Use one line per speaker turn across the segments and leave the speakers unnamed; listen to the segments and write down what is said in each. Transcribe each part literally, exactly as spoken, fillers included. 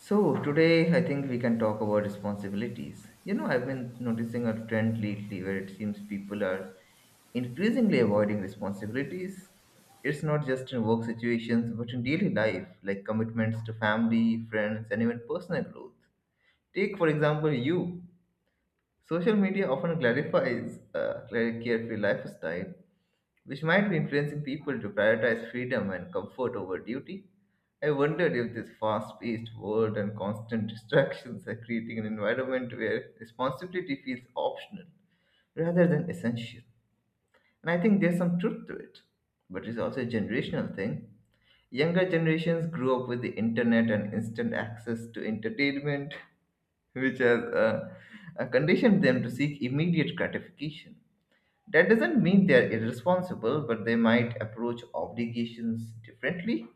So, today I think we can talk about responsibilities. You know, I've been noticing a trend lately where it seems people are increasingly avoiding responsibilities. It's not just in work situations, but in daily life, like commitments to family, friends, and even personal growth. Take, for example, you. Social media often clarifies uh, like carefree lifestyle, which might be influencing people to prioritize freedom and comfort over duty. I wondered if this fast paced world and constant distractions are creating an environment where responsibility feels optional rather than essential. And I think there's some truth to it, but it's also a generational thing. Younger generations grew up with the internet and instant access to entertainment, which has uh, uh, conditioned them to seek immediate gratification. That doesn't mean they are irresponsible, but they might approach obligations differently.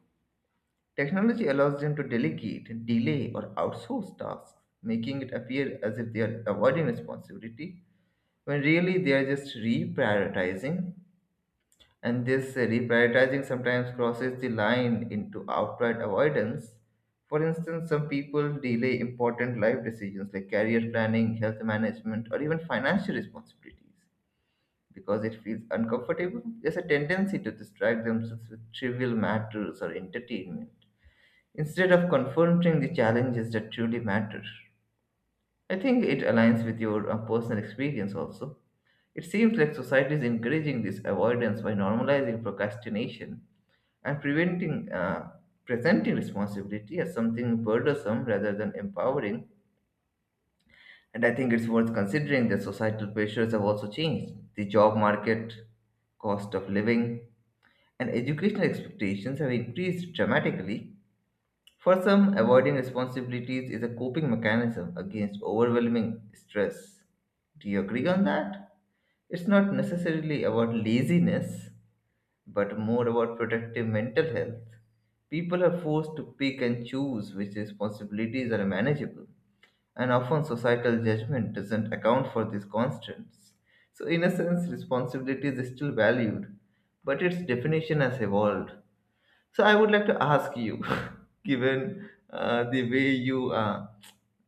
Technology allows them to delegate, delay, or outsource tasks, making it appear as if they are avoiding responsibility, when really they are just reprioritizing. And this uh, reprioritizing sometimes crosses the line into outright avoidance. For instance, some people delay important life decisions like career planning, health management, or even financial responsibilities because it feels uncomfortable, there's a tendency to distract themselves with trivial matters or entertainment instead of confronting the challenges that truly matter. I think it aligns with your uh, personal experience also. It seems like society is encouraging this avoidance by normalizing procrastination and preventing uh, presenting responsibility as something burdensome rather than empowering. And I think it's worth considering that societal pressures have also changed. The job market, cost of living, and educational expectations have increased dramatically. For some, avoiding responsibilities is a coping mechanism against overwhelming stress. Do you agree on that? It's not necessarily about laziness, but more about protective mental health. People are forced to pick and choose which responsibilities are manageable, and often societal judgment doesn't account for these constants. So, in a sense, responsibility is still valued, but its definition has evolved. So I would like to ask you, given uh, the way you uh,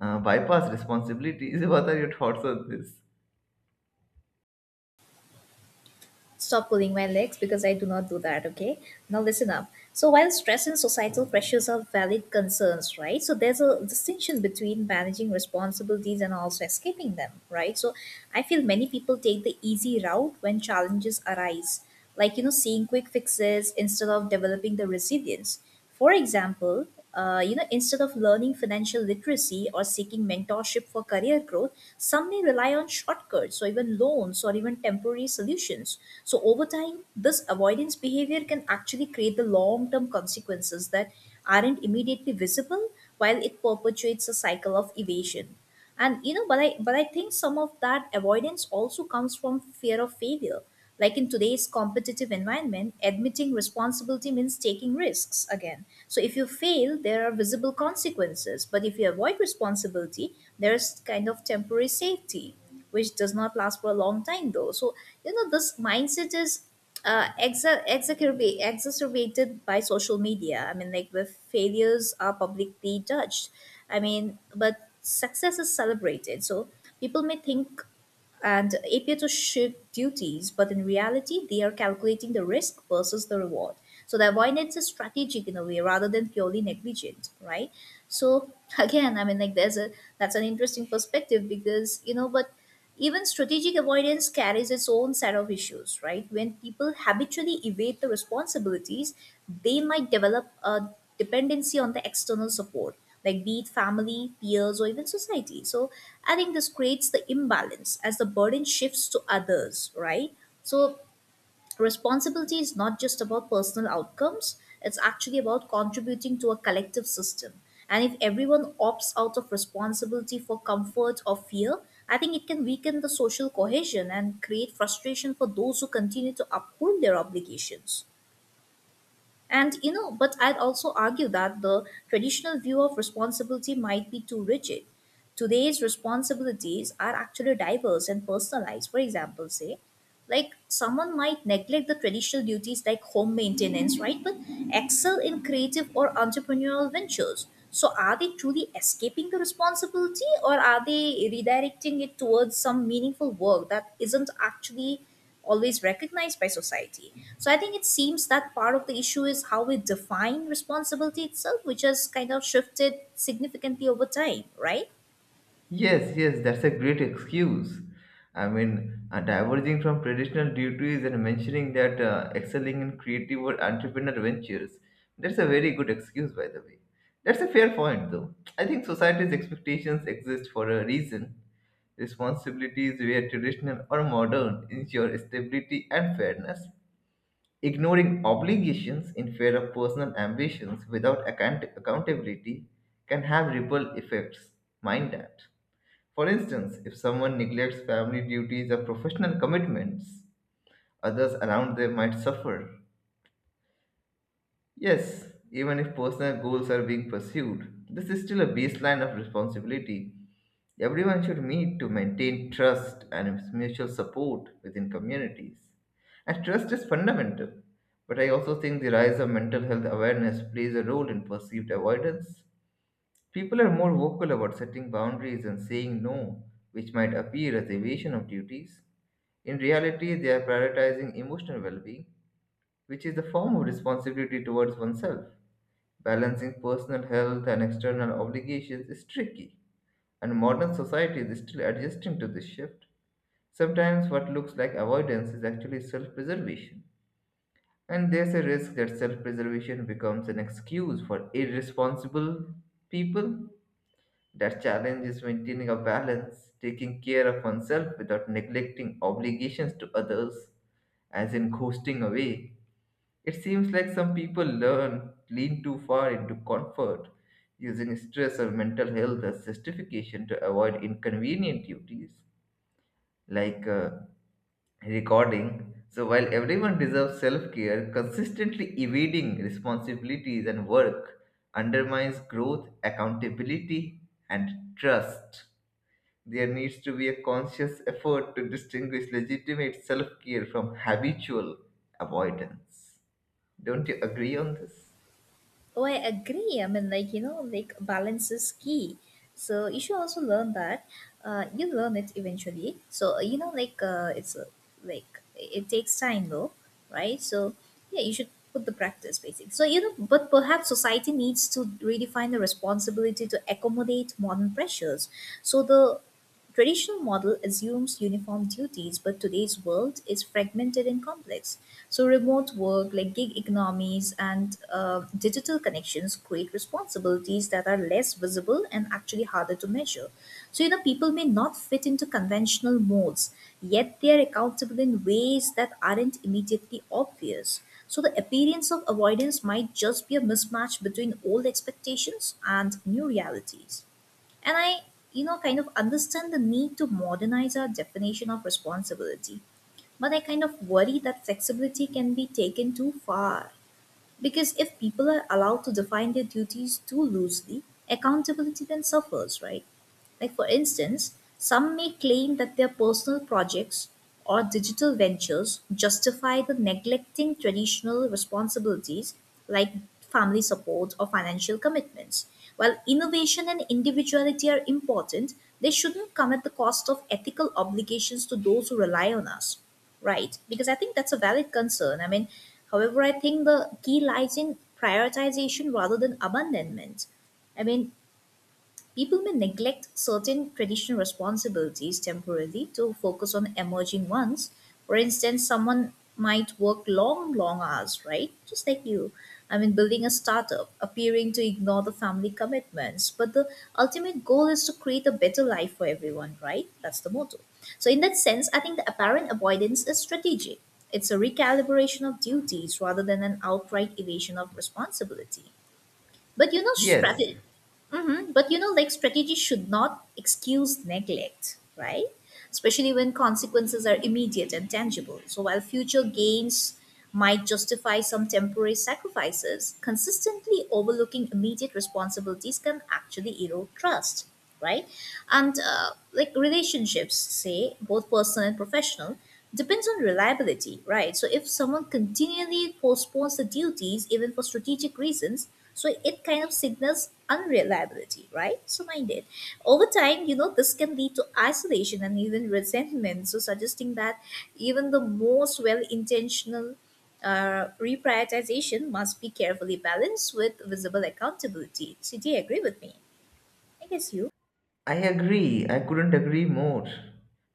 uh, bypass responsibilities, what are your thoughts on this?
Stop pulling my legs because I do not do that, okay? Now listen up. So while stress and societal pressures are valid concerns, right? So there's a distinction between managing responsibilities and also escaping them, right? So I feel many people take the easy route when challenges arise, like you know, seeing quick fixes instead of developing the resilience. For example, uh, you know, instead of learning financial literacy or seeking mentorship for career growth, some may rely on shortcuts or even loans or even temporary solutions. So over time, this avoidance behavior can actually create the long-term consequences that aren't immediately visible while it perpetuates a cycle of evasion. And you know, but i but i think some of that avoidance also comes from fear of failure. Like in today's competitive environment, admitting responsibility means taking risks again. So if you fail there are visible consequences, but if you avoid responsibility there's kind of temporary safety, which does not last for a long time though. So you know, this mindset is uh, exa- exacerb- exacerbated by social media. I mean, like where failures are publicly judged. I mean, but success is celebrated. So people may think and appear to shirk duties, but in reality, they are calculating the risk versus the reward. So the avoidance is strategic in a way rather than purely negligent, right? So again, I mean, like there's a that's an interesting perspective, because you know, but even strategic avoidance carries its own set of issues, right? When people habitually evade the responsibilities, they might develop a dependency on the external support, like be it family, peers, or even society. So I think this creates the imbalance as the burden shifts to others, right? So responsibility is not just about personal outcomes, it's actually about contributing to a collective system. And if everyone opts out of responsibility for comfort or fear, I think it can weaken the social cohesion and create frustration for those who continue to uphold their obligations. And you know, but I'd also argue that the traditional view of responsibility might be too rigid. Today's responsibilities are actually diverse and personalized. For example, say, like someone might neglect the traditional duties like home maintenance, right, but excel in creative or entrepreneurial ventures. So are they truly escaping the responsibility, or are they redirecting it towards some meaningful work that isn't actually always recognized by society? So I think it seems that part of the issue is how we define responsibility itself, which has kind of shifted significantly over time, right?
Yes, yes, that's a great excuse. I mean, uh, diverging from traditional duties and mentioning that uh, excelling in creative or entrepreneur ventures, that's a very good excuse, by the way. That's a fair point, though. I think society's expectations exist for a reason. Responsibilities, whether traditional or modern, ensure stability and fairness. Ignoring obligations in favor of personal ambitions without account- accountability can have ripple effects. Mind that. For instance, if someone neglects family duties or professional commitments, others around them might suffer. Yes, even if personal goals are being pursued, this is still a baseline of responsibility everyone should meet to maintain trust and mutual support within communities. And trust is fundamental, but I also think the rise of mental health awareness plays a role in perceived avoidance. People are more vocal about setting boundaries and saying no, which might appear as evasion of duties. In reality, they are prioritizing emotional well being, which is a form of responsibility towards oneself. Balancing personal health and external obligations is tricky and modern society is still adjusting to this shift. Sometimes what looks like avoidance is actually self preservation. And there's a risk that self preservation becomes an excuse for irresponsible people. That challenge is maintaining a balance, taking care of oneself without neglecting obligations to others, as in coasting away, it seems like some people learn lean too far into comfort, using stress or mental health as justification to avoid inconvenient duties like uh, recording. So while everyone deserves self-care, consistently evading responsibilities and work undermines growth, accountability, and trust. There needs to be a conscious effort to distinguish legitimate self-care from habitual avoidance. Don't you agree on this?
Oh, I agree. I mean, like, you know, like balance is key. So you should also learn that. Uh, you learn it eventually. So, uh, you know, like, uh, it's uh, like it takes time though, right? So, yeah, you should put the practice basically. So, you know, but perhaps society needs to redefine the responsibility to accommodate modern pressures. So the traditional model assumes uniform duties, but today's world is fragmented and complex. So remote work, like gig economies and uh, digital connections, create responsibilities that are less visible and actually harder to measure. So you know, people may not fit into conventional molds, yet they are accountable in ways that aren't immediately obvious. So the appearance of avoidance might just be a mismatch between old expectations and new realities. And I, you know, kind of understand the need to modernize our definition of responsibility, but I kind of worry that flexibility can be taken too far. Because if people are allowed to define their duties too loosely, accountability then suffers, right? Like, for instance, some may claim that their personal projects or digital ventures justify the neglecting traditional responsibilities, like family support or financial commitments. While innovation and individuality are important, they shouldn't come at the cost of ethical obligations to those who rely on us. Right, because I think that's a valid concern. I mean, however, I think the key lies in prioritization rather than abandonment. I mean, people may neglect certain traditional responsibilities temporarily to focus on emerging ones. For instance, someone might work long, long hours, right? Just like you. I mean, building a startup, appearing to ignore the family commitments. But the ultimate goal is to create a better life for everyone, right? That's the motto. So, in that sense, I think the apparent avoidance is strategic. It's a recalibration of duties rather than an outright evasion of responsibility. But you know,
Yes,
strategy. Hmm. But you know, like strategy should not excuse neglect, right? Especially when consequences are immediate and tangible. So while future gains might justify some temporary sacrifices, consistently overlooking immediate responsibilities can actually erode trust, right? And uh, like relationships, say both personal and professional, depends on reliability, right? So if someone continually postpones the duties even for strategic reasons, so it kind of signals unreliability, right? So mind it. Over time, you know, this can lead to isolation and even resentment, so suggesting that even the most well intentional uh, reprioritization must be carefully balanced with visible accountability. So do you agree with me? I guess you.
I agree. I couldn't agree more.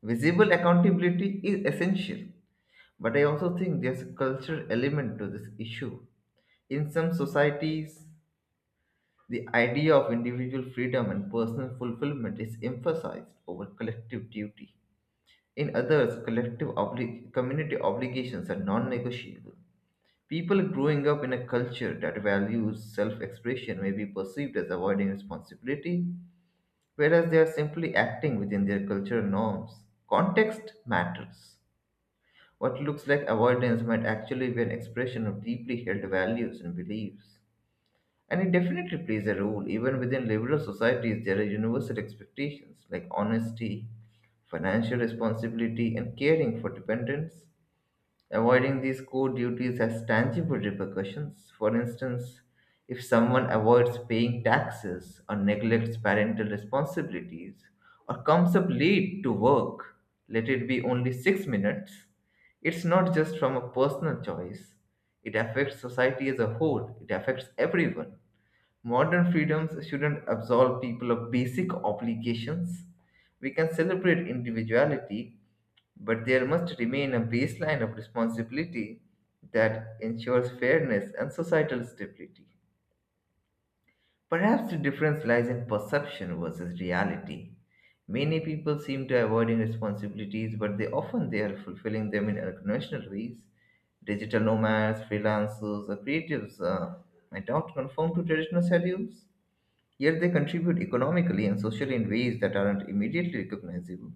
Visible accountability is essential, but I also think there's a cultural element to this issue. In some societies, the idea of individual freedom and personal fulfillment is emphasized over collective duty. In others, collective obli- community obligations are non negotiable. People growing up in a culture that values self expression may be perceived as avoiding responsibility whereas they are simply acting within their cultural norms. Context matters. What looks like avoidance might actually be an expression of deeply held values and beliefs. And it definitely plays a role. Even within liberal societies, there are universal expectations like honesty, financial responsibility, and caring for dependents. Avoiding these core duties has tangible repercussions. For instance, if someone avoids paying taxes or neglects parental responsibilities or comes up late to work, let it be only six minutes, it's not just from a personal choice. It affects society as a whole, it affects everyone. Modern freedoms shouldn't absolve people of basic obligations. We can celebrate individuality, but there must remain a baseline of responsibility that ensures fairness and societal stability. Perhaps the difference lies in perception versus reality. Many people seem to avoiding responsibilities, but they often they are fulfilling them in unconventional ways. Digital nomads, freelancers, or creatives uh, might not conform to traditional schedules. Yet they contribute economically and socially in ways that aren't immediately recognizable.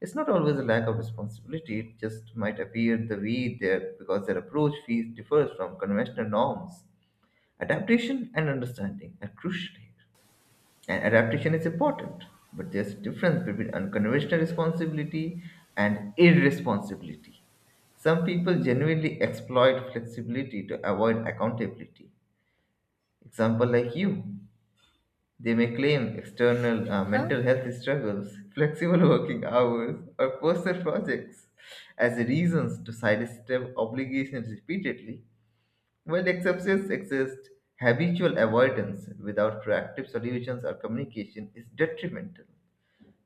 It's not always a lack of responsibility, it just might appear the way there because their approach fees differs from conventional norms. Adaptation and understanding are crucial here. And adaptation is important, but there's a difference between unconventional responsibility and irresponsibility. Some people genuinely exploit flexibility to avoid accountability. Example like you, they may claim external uh,
Huh?
mental health struggles, flexible working hours, or personal projects as reasons to sidestep obligations repeatedly, while exceptions exist. Habitual avoidance without proactive solutions or communication is detrimental.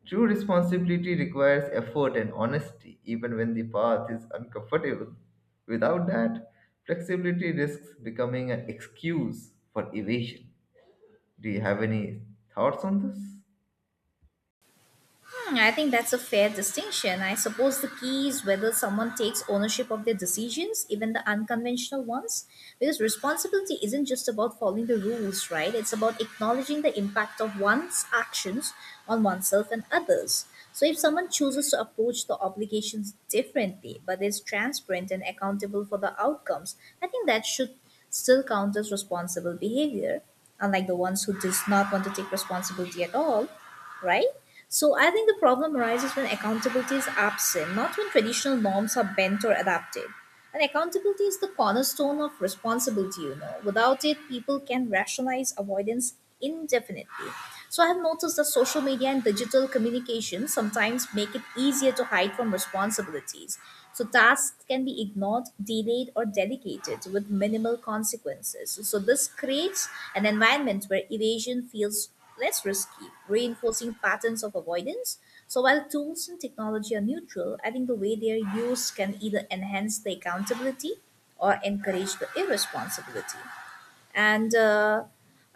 True responsibility requires effort and honesty, even when the path is uncomfortable. Without that, flexibility risks becoming an excuse for evasion. Do you have any thoughts on this?
Hmm, I think that's a fair distinction. I suppose the key is whether someone takes ownership of their decisions, even the unconventional ones, because responsibility isn't just about following the rules, right? It's about acknowledging the impact of one's actions on oneself and others. So if someone chooses to approach the obligations differently, but is transparent and accountable for the outcomes, I think that should still count as responsible behavior, unlike the ones who does not want to take responsibility at all, right? So I think the problem arises when accountability is absent, not when traditional norms are bent or adapted. And accountability is the cornerstone of responsibility, you know. Without it, people can rationalize avoidance indefinitely. So I have noticed that social media and digital communication sometimes make it easier to hide from responsibilities. So tasks can be ignored, delayed, or delegated with minimal consequences. So this creates an environment where evasion feels less risky, reinforcing patterns of avoidance. So while tools and technology are neutral, I think the way they are used can either enhance the accountability or encourage the irresponsibility. And uh,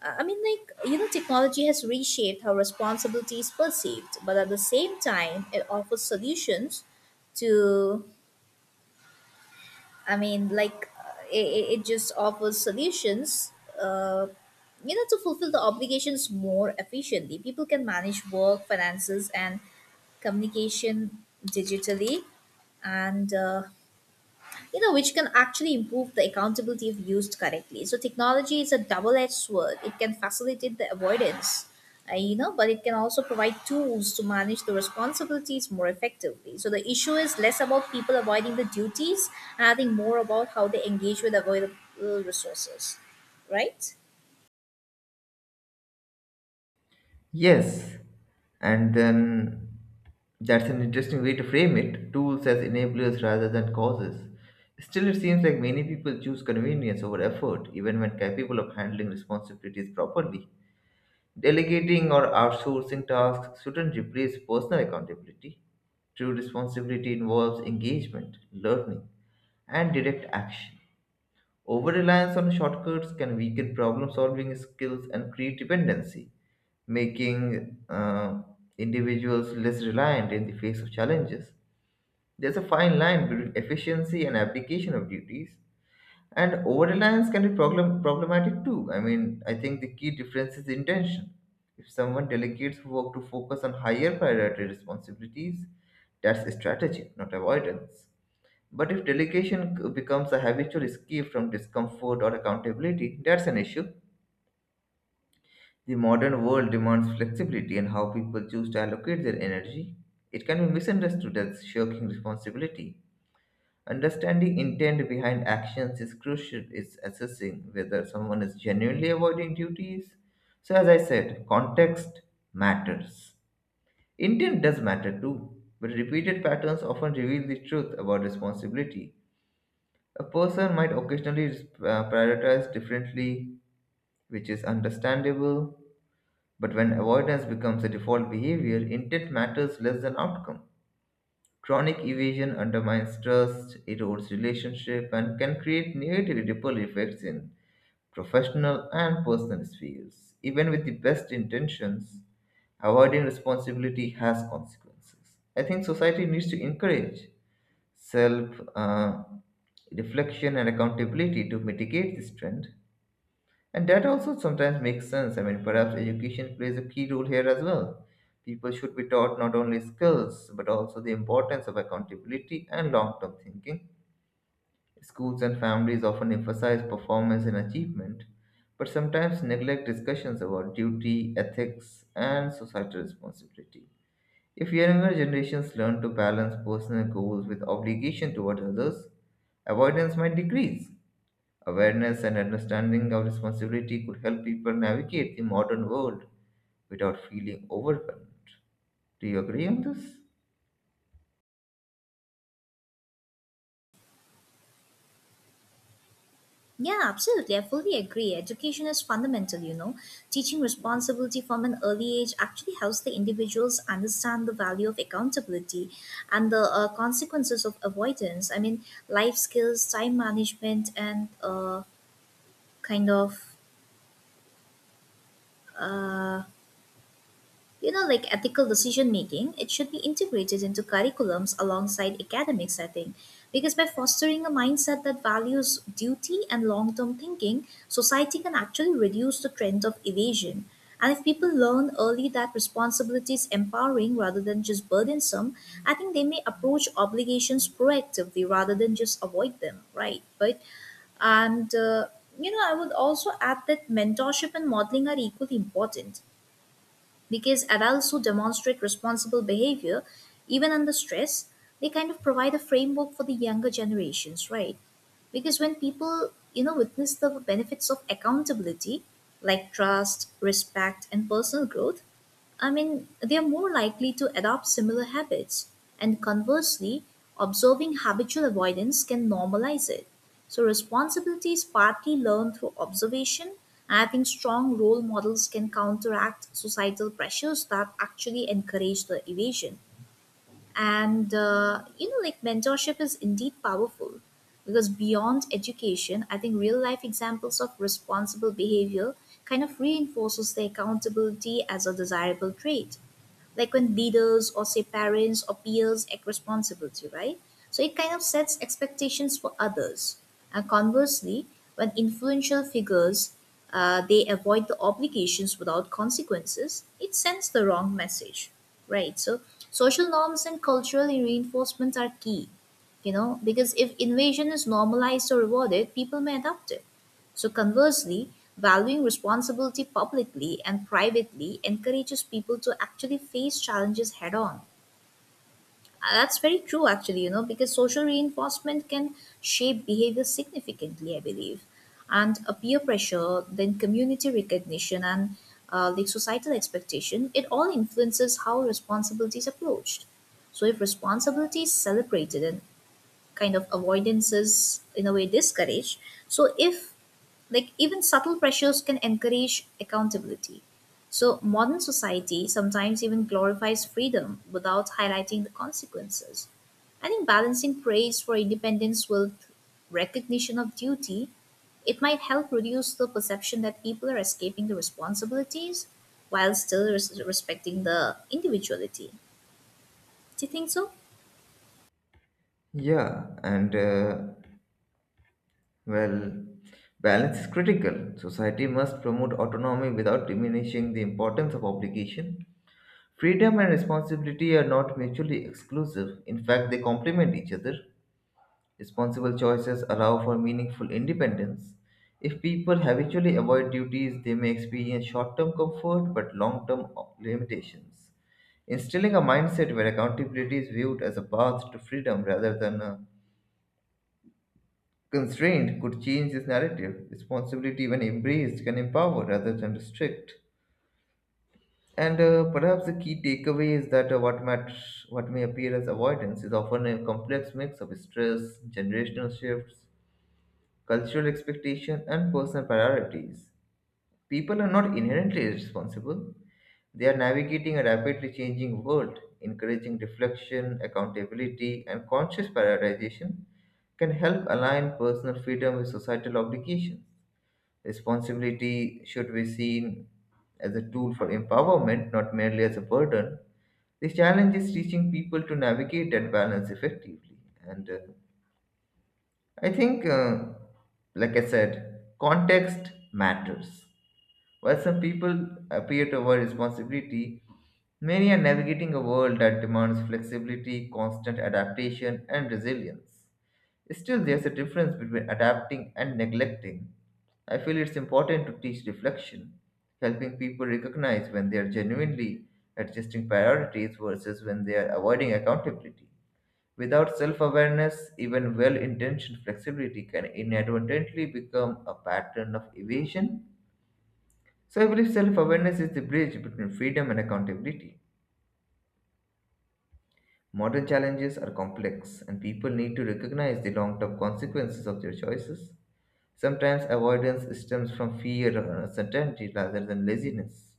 I mean, like, you know, technology has reshaped how responsibility is perceived, but at the same time, it offers solutions to, I mean, like uh, it, it just offers solutions, uh, you know, to fulfill the obligations more efficiently. People can manage work, finances, and communication digitally, and uh, you know, which can actually improve the accountability if used correctly. So technology is a double-edged sword. It can facilitate the avoidance, uh, you know, but it can also provide tools to manage the responsibilities more effectively. So the issue is less about people avoiding the duties, and I think more about how they engage with available resources, right?
Yes, and then that's an interesting way to frame it, tools as enablers rather than causes. Still, it seems like many people choose convenience over effort, even when capable of handling responsibilities properly. Delegating or outsourcing tasks shouldn't replace personal accountability. True responsibility involves engagement, learning, and direct action. Over reliance on shortcuts can weaken problem solving skills and create dependency, making uh, individuals less reliant in the face of challenges. There's a fine line between efficiency and application of duties, and over reliance can be problem- problematic too. I mean, I think the key difference is intention. If someone delegates work to focus on higher priority responsibilities, that's strategy, not avoidance. But if delegation c- becomes a habitual escape from discomfort or accountability, that's an issue. The modern world demands flexibility in how people choose to allocate their energy. It can be misunderstood as shirking responsibility. Understanding intent behind actions is crucial in assessing whether someone is genuinely avoiding duties. So, as I said, context matters. Intent does matter too, but repeated patterns often reveal the truth about responsibility. A person might occasionally uh, prioritize differently, which is understandable. But when avoidance becomes a default behavior, intent matters less than outcome. Chronic evasion undermines trust, erodes relationship, and can create negative ripple effects in professional and personal spheres. Even with the best intentions, avoiding responsibility has consequences. I think society needs to encourage self uh, reflection and accountability to mitigate this trend. And that also sometimes makes sense. I mean, perhaps education plays a key role here as well. People should be taught not only skills, but also the importance of accountability and long term thinking. Schools and families often emphasize performance and achievement, but sometimes neglect discussions about duty, ethics, and societal responsibility. If younger generations learn to balance personal goals with obligation toward others, avoidance might decrease. Awareness and understanding of responsibility could help people navigate the modern world without feeling overwhelmed. Do you agree on this?
Yeah, absolutely. I fully agree. Education is fundamental, you know. Teaching responsibility from an early age actually helps the individuals understand the value of accountability and the uh, consequences of avoidance. I mean, life skills, time management, and uh, kind of. Uh, You know, like ethical decision making, it should be integrated into curriculums alongside academics, I think. Because by fostering a mindset that values duty and long term thinking, society can actually reduce the trend of evasion. And if people learn early that responsibility is empowering rather than just burdensome, I think they may approach obligations proactively rather than just avoid them, right? But and uh, you know, I would also add that mentorship and modeling are equally important, because adults who demonstrate responsible behavior, even under stress, they kind of provide a framework for the younger generations, right? Because when people, you know, witness the benefits of accountability, like trust, respect, and personal growth, I mean, they are more likely to adopt similar habits. And conversely, observing habitual avoidance can normalize it. So, responsibility is partly learned through observation. And I think strong role models can counteract societal pressures that actually encourage the evasion. And, uh, you know, like mentorship is indeed powerful, because beyond education, I think real life examples of responsible behavior kind of reinforces the accountability as a desirable trait. Like when leaders or say parents or peers act responsibility, right? So it kind of sets expectations for others. And conversely, when influential figures uh, they avoid the obligations without consequences, it sends the wrong message, right? So social norms and cultural reinforcements are key, you know, because if invasion is normalized or rewarded, people may adopt it. So conversely, valuing responsibility publicly and privately encourages people to actually face challenges head on. Uh, That's very true, actually, you know, because social reinforcement can shape behavior significantly, I believe. And a peer pressure, then community recognition, and uh, the societal expectation, it all influences how responsibility is approached. So if responsibility is celebrated and kind of avoidance is in a way discouraged, so if like even subtle pressures can encourage accountability. So modern society sometimes even glorifies freedom without highlighting the consequences. I think balancing praise for independence with recognition of duty, it might help reduce the perception that people are escaping the responsibilities while still res- respecting the individuality. Do you think so?
Yeah, and uh, well, balance is critical. Society must promote autonomy without diminishing the importance of obligation. Freedom and responsibility are not mutually exclusive, in fact, they complement each other. Responsible choices allow for meaningful independence. If people habitually avoid duties, they may experience short term comfort but long term limitations. Instilling a mindset where accountability is viewed as a path to freedom rather than a constraint could change this narrative. Responsibility, when embraced, can empower rather than restrict. And uh, perhaps the key takeaway is that uh, what, mat- what may appear as avoidance is often a complex mix of stress, generational shifts, cultural expectation, and personal priorities. People are not inherently responsible. They are navigating a rapidly changing world. Encouraging reflection, accountability, and conscious prioritization can help align personal freedom with societal obligations. Responsibility should be seen as a tool for empowerment, not merely as a burden. The challenge is teaching people to navigate that balance effectively. And uh, I think, uh, like I said, context matters. While some people appear to avoid responsibility, many are navigating a world that demands flexibility, constant adaptation, and resilience. Still, there's a difference between adapting and neglecting. I feel it's important to teach reflection, helping people recognize when they are genuinely adjusting priorities versus when they are avoiding accountability. Without self awareness, even well intentioned flexibility can inadvertently become a pattern of evasion. So, I believe self awareness is the bridge between freedom and accountability. Modern challenges are complex, and people need to recognize the long term consequences of their choices. Sometimes avoidance stems from fear or uncertainty rather than laziness.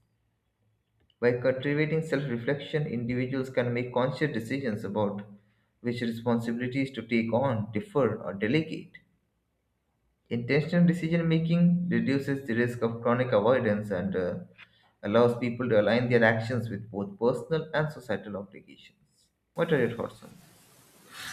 By cultivating self reflection, individuals can make conscious decisions about which responsibilities to take on, defer, or delegate. Intentional decision making reduces the risk of chronic avoidance and uh, allows people to align their actions with both personal and societal obligations. What are your thoughts on this?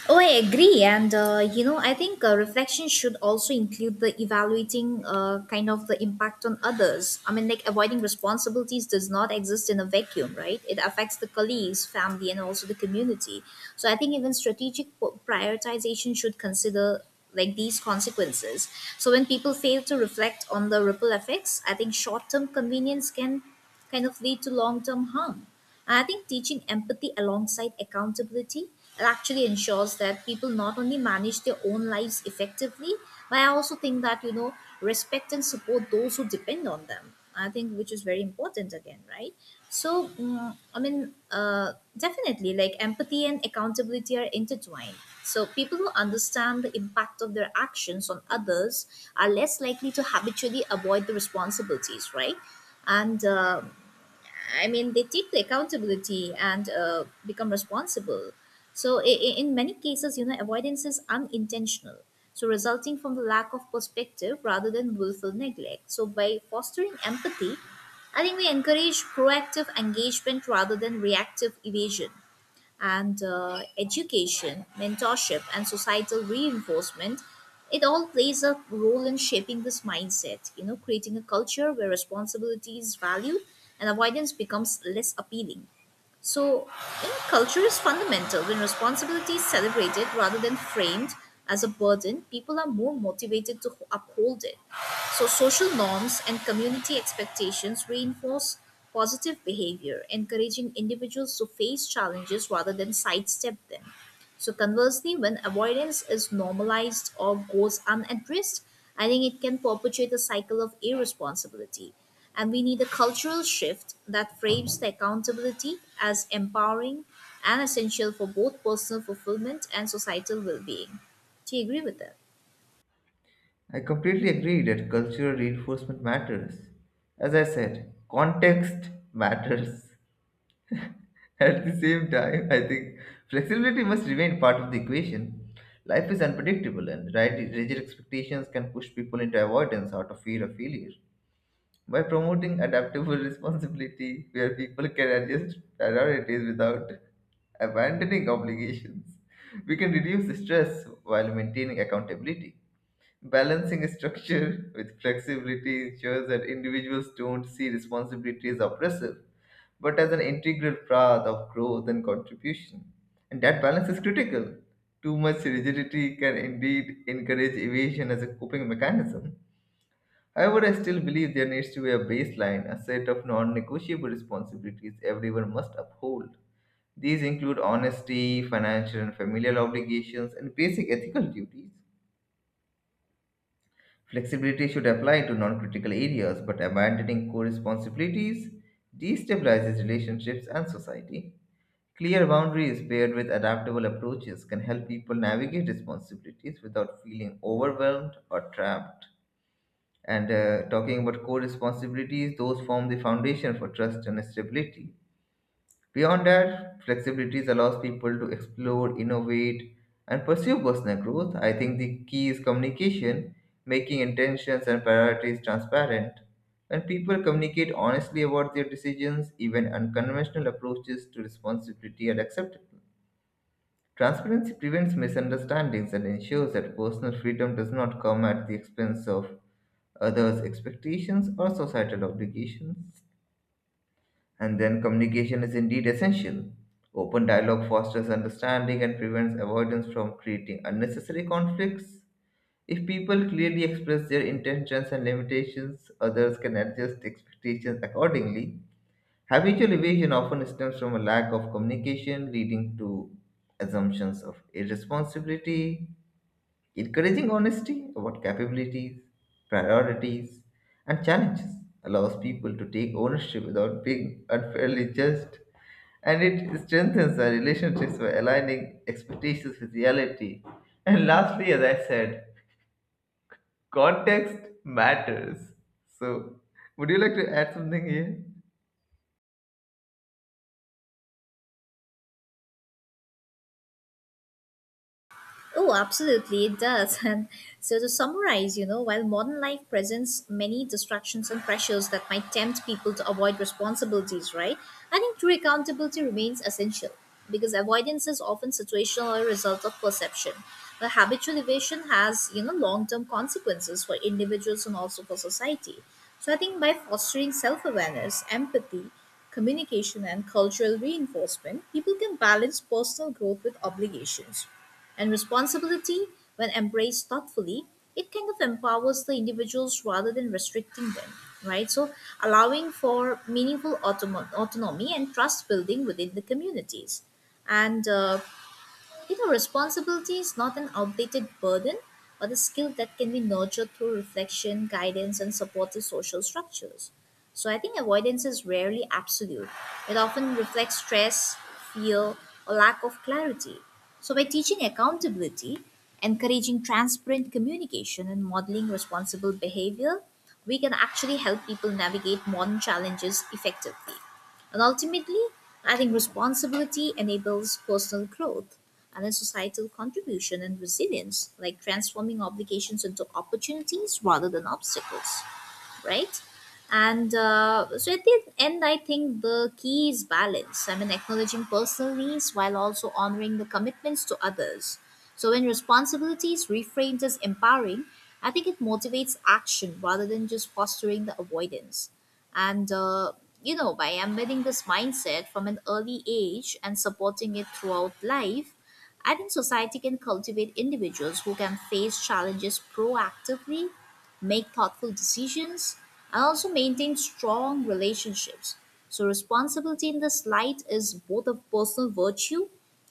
Oh, I agree. And, uh, you know, I think uh, reflection should also include the evaluating uh, kind of the impact on others. I mean, like avoiding responsibilities does not exist in a vacuum, right? It affects the colleagues, family, and also the community. So I think even strategic po- prioritization should consider like these consequences. So when people fail to reflect on the ripple effects, I think short term convenience can kind of lead to long term harm. I think teaching empathy alongside accountability actually ensures that people not only manage their own lives effectively, but I also think that, you know, respect and support those who depend on them. I think which is very important again, right? So, mm, I mean, uh, definitely, like empathy and accountability are intertwined. So, people who understand the impact of their actions on others are less likely to habitually avoid the responsibilities, right? And uh, I mean, they take the accountability and uh, become responsible. So, i- i- in many cases, you know, avoidance is unintentional. So, resulting from the lack of perspective rather than willful neglect. So, by fostering empathy, I think we encourage proactive engagement rather than reactive evasion and uh, education, mentorship, and societal reinforcement, it all plays a role in shaping this mindset, you know, creating a culture where responsibility is valued and avoidance becomes less appealing. So, you culture is fundamental. When responsibility is celebrated rather than framed as a burden, people are more motivated to uphold it. So, social norms and community expectations reinforce positive behavior, encouraging individuals to face challenges rather than sidestep them. So conversely, when avoidance is normalized or goes unaddressed, I think it can perpetuate a cycle of irresponsibility. And we need a cultural shift that frames the accountability as empowering and essential for both personal fulfillment and societal well being. Do you agree with that?
I completely agree that cultural reinforcement matters. As I said, context matters. At the same time, I think flexibility must remain part of the equation. Life is unpredictable, and right, rigid expectations can push people into avoidance out of fear of failure. By promoting adaptable responsibility, where people can adjust priorities without abandoning obligations, we can reduce stress while maintaining accountability. Balancing structure with flexibility ensures that individuals don't see responsibility as oppressive, but as an integral path of growth and contribution. And that balance is critical. Too much rigidity can indeed encourage evasion as a coping mechanism. However, I still believe there needs to be a baseline, a set of non negotiable responsibilities everyone must uphold. These include honesty, financial and familial obligations, and basic ethical duties. Flexibility should apply to non critical areas, but abandoning core responsibilities destabilizes relationships and society. Clear boundaries paired with adaptable approaches can help people navigate responsibilities without feeling overwhelmed or trapped. And uh, talking about core responsibilities, those form the foundation for trust and stability. Beyond that, flexibilities allows people to explore, innovate, and pursue personal growth. I think the key is communication, making intentions and priorities transparent. When people communicate honestly about their decisions, even unconventional approaches to responsibility are acceptable. Transparency prevents misunderstandings and ensures that personal freedom does not come at the expense of others' expectations, or societal obligations. And then communication is indeed essential. Open dialogue fosters understanding and prevents avoidance from creating unnecessary conflicts. If people clearly express their intentions and limitations, others can adjust expectations accordingly. Habitual evasion often stems from a lack of communication, leading to assumptions of irresponsibility. Encouraging honesty about capabilities, priorities, and challenges allows people to take ownership without being unfairly judged, and it strengthens our relationships by aligning expectations with reality. And lastly, as I said, context matters. So, would you like to add something here?
Oh, absolutely, it does. And so, to summarize, you know, while modern life presents many distractions and pressures that might tempt people to avoid responsibilities, right? I think true accountability remains essential because avoidance is often situational or a result of perception. But habitual evasion has, you know, long term consequences for individuals and also for society. So, I think by fostering self awareness, empathy, communication, and cultural reinforcement, people can balance personal growth with obligations and responsibility, when embraced thoughtfully, it kind of empowers the individuals rather than restricting them, right? So, allowing for meaningful automo- autonomy and trust building within the communities. And uh, you know, responsibility is not an outdated burden, but a skill that can be nurtured through reflection, guidance, and supportive social structures. So I think avoidance is rarely absolute. It often reflects stress, fear, or lack of clarity. So by teaching accountability, encouraging transparent communication, and modeling responsible behavior, we can actually help people navigate modern challenges effectively. And ultimately, I think responsibility enables personal growth and then societal contribution and resilience, like transforming obligations into opportunities rather than obstacles right? And uh, so at the end, I think the key is balance. I mean, acknowledging personal needs while also honoring the commitments to others. So when responsibility is reframed as empowering, I think it motivates action rather than just fostering the avoidance. And, uh, you know, by embedding this mindset from an early age and supporting it throughout life, I think society can cultivate individuals who can face challenges proactively, make thoughtful decisions, and also maintain strong relationships. So responsibility in this light is both a personal virtue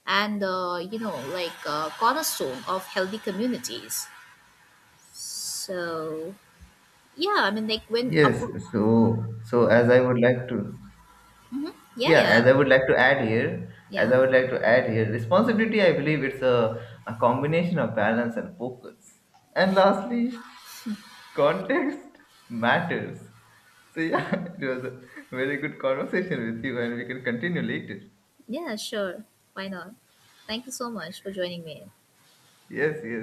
and uh, you know like a cornerstone of healthy communities. So yeah, I mean like when appro-
Yes, so so as I would like to
yeah,
Yeah,
yeah,
as I would like to add here, as
yeah.
I would like to add here, responsibility, I believe it's a, a combination of balance and focus. And lastly, context matters. So yeah, it was a very good conversation with you and we can continue later.
Yeah, sure, why not? Thank you so much for joining me.
Yes, yes.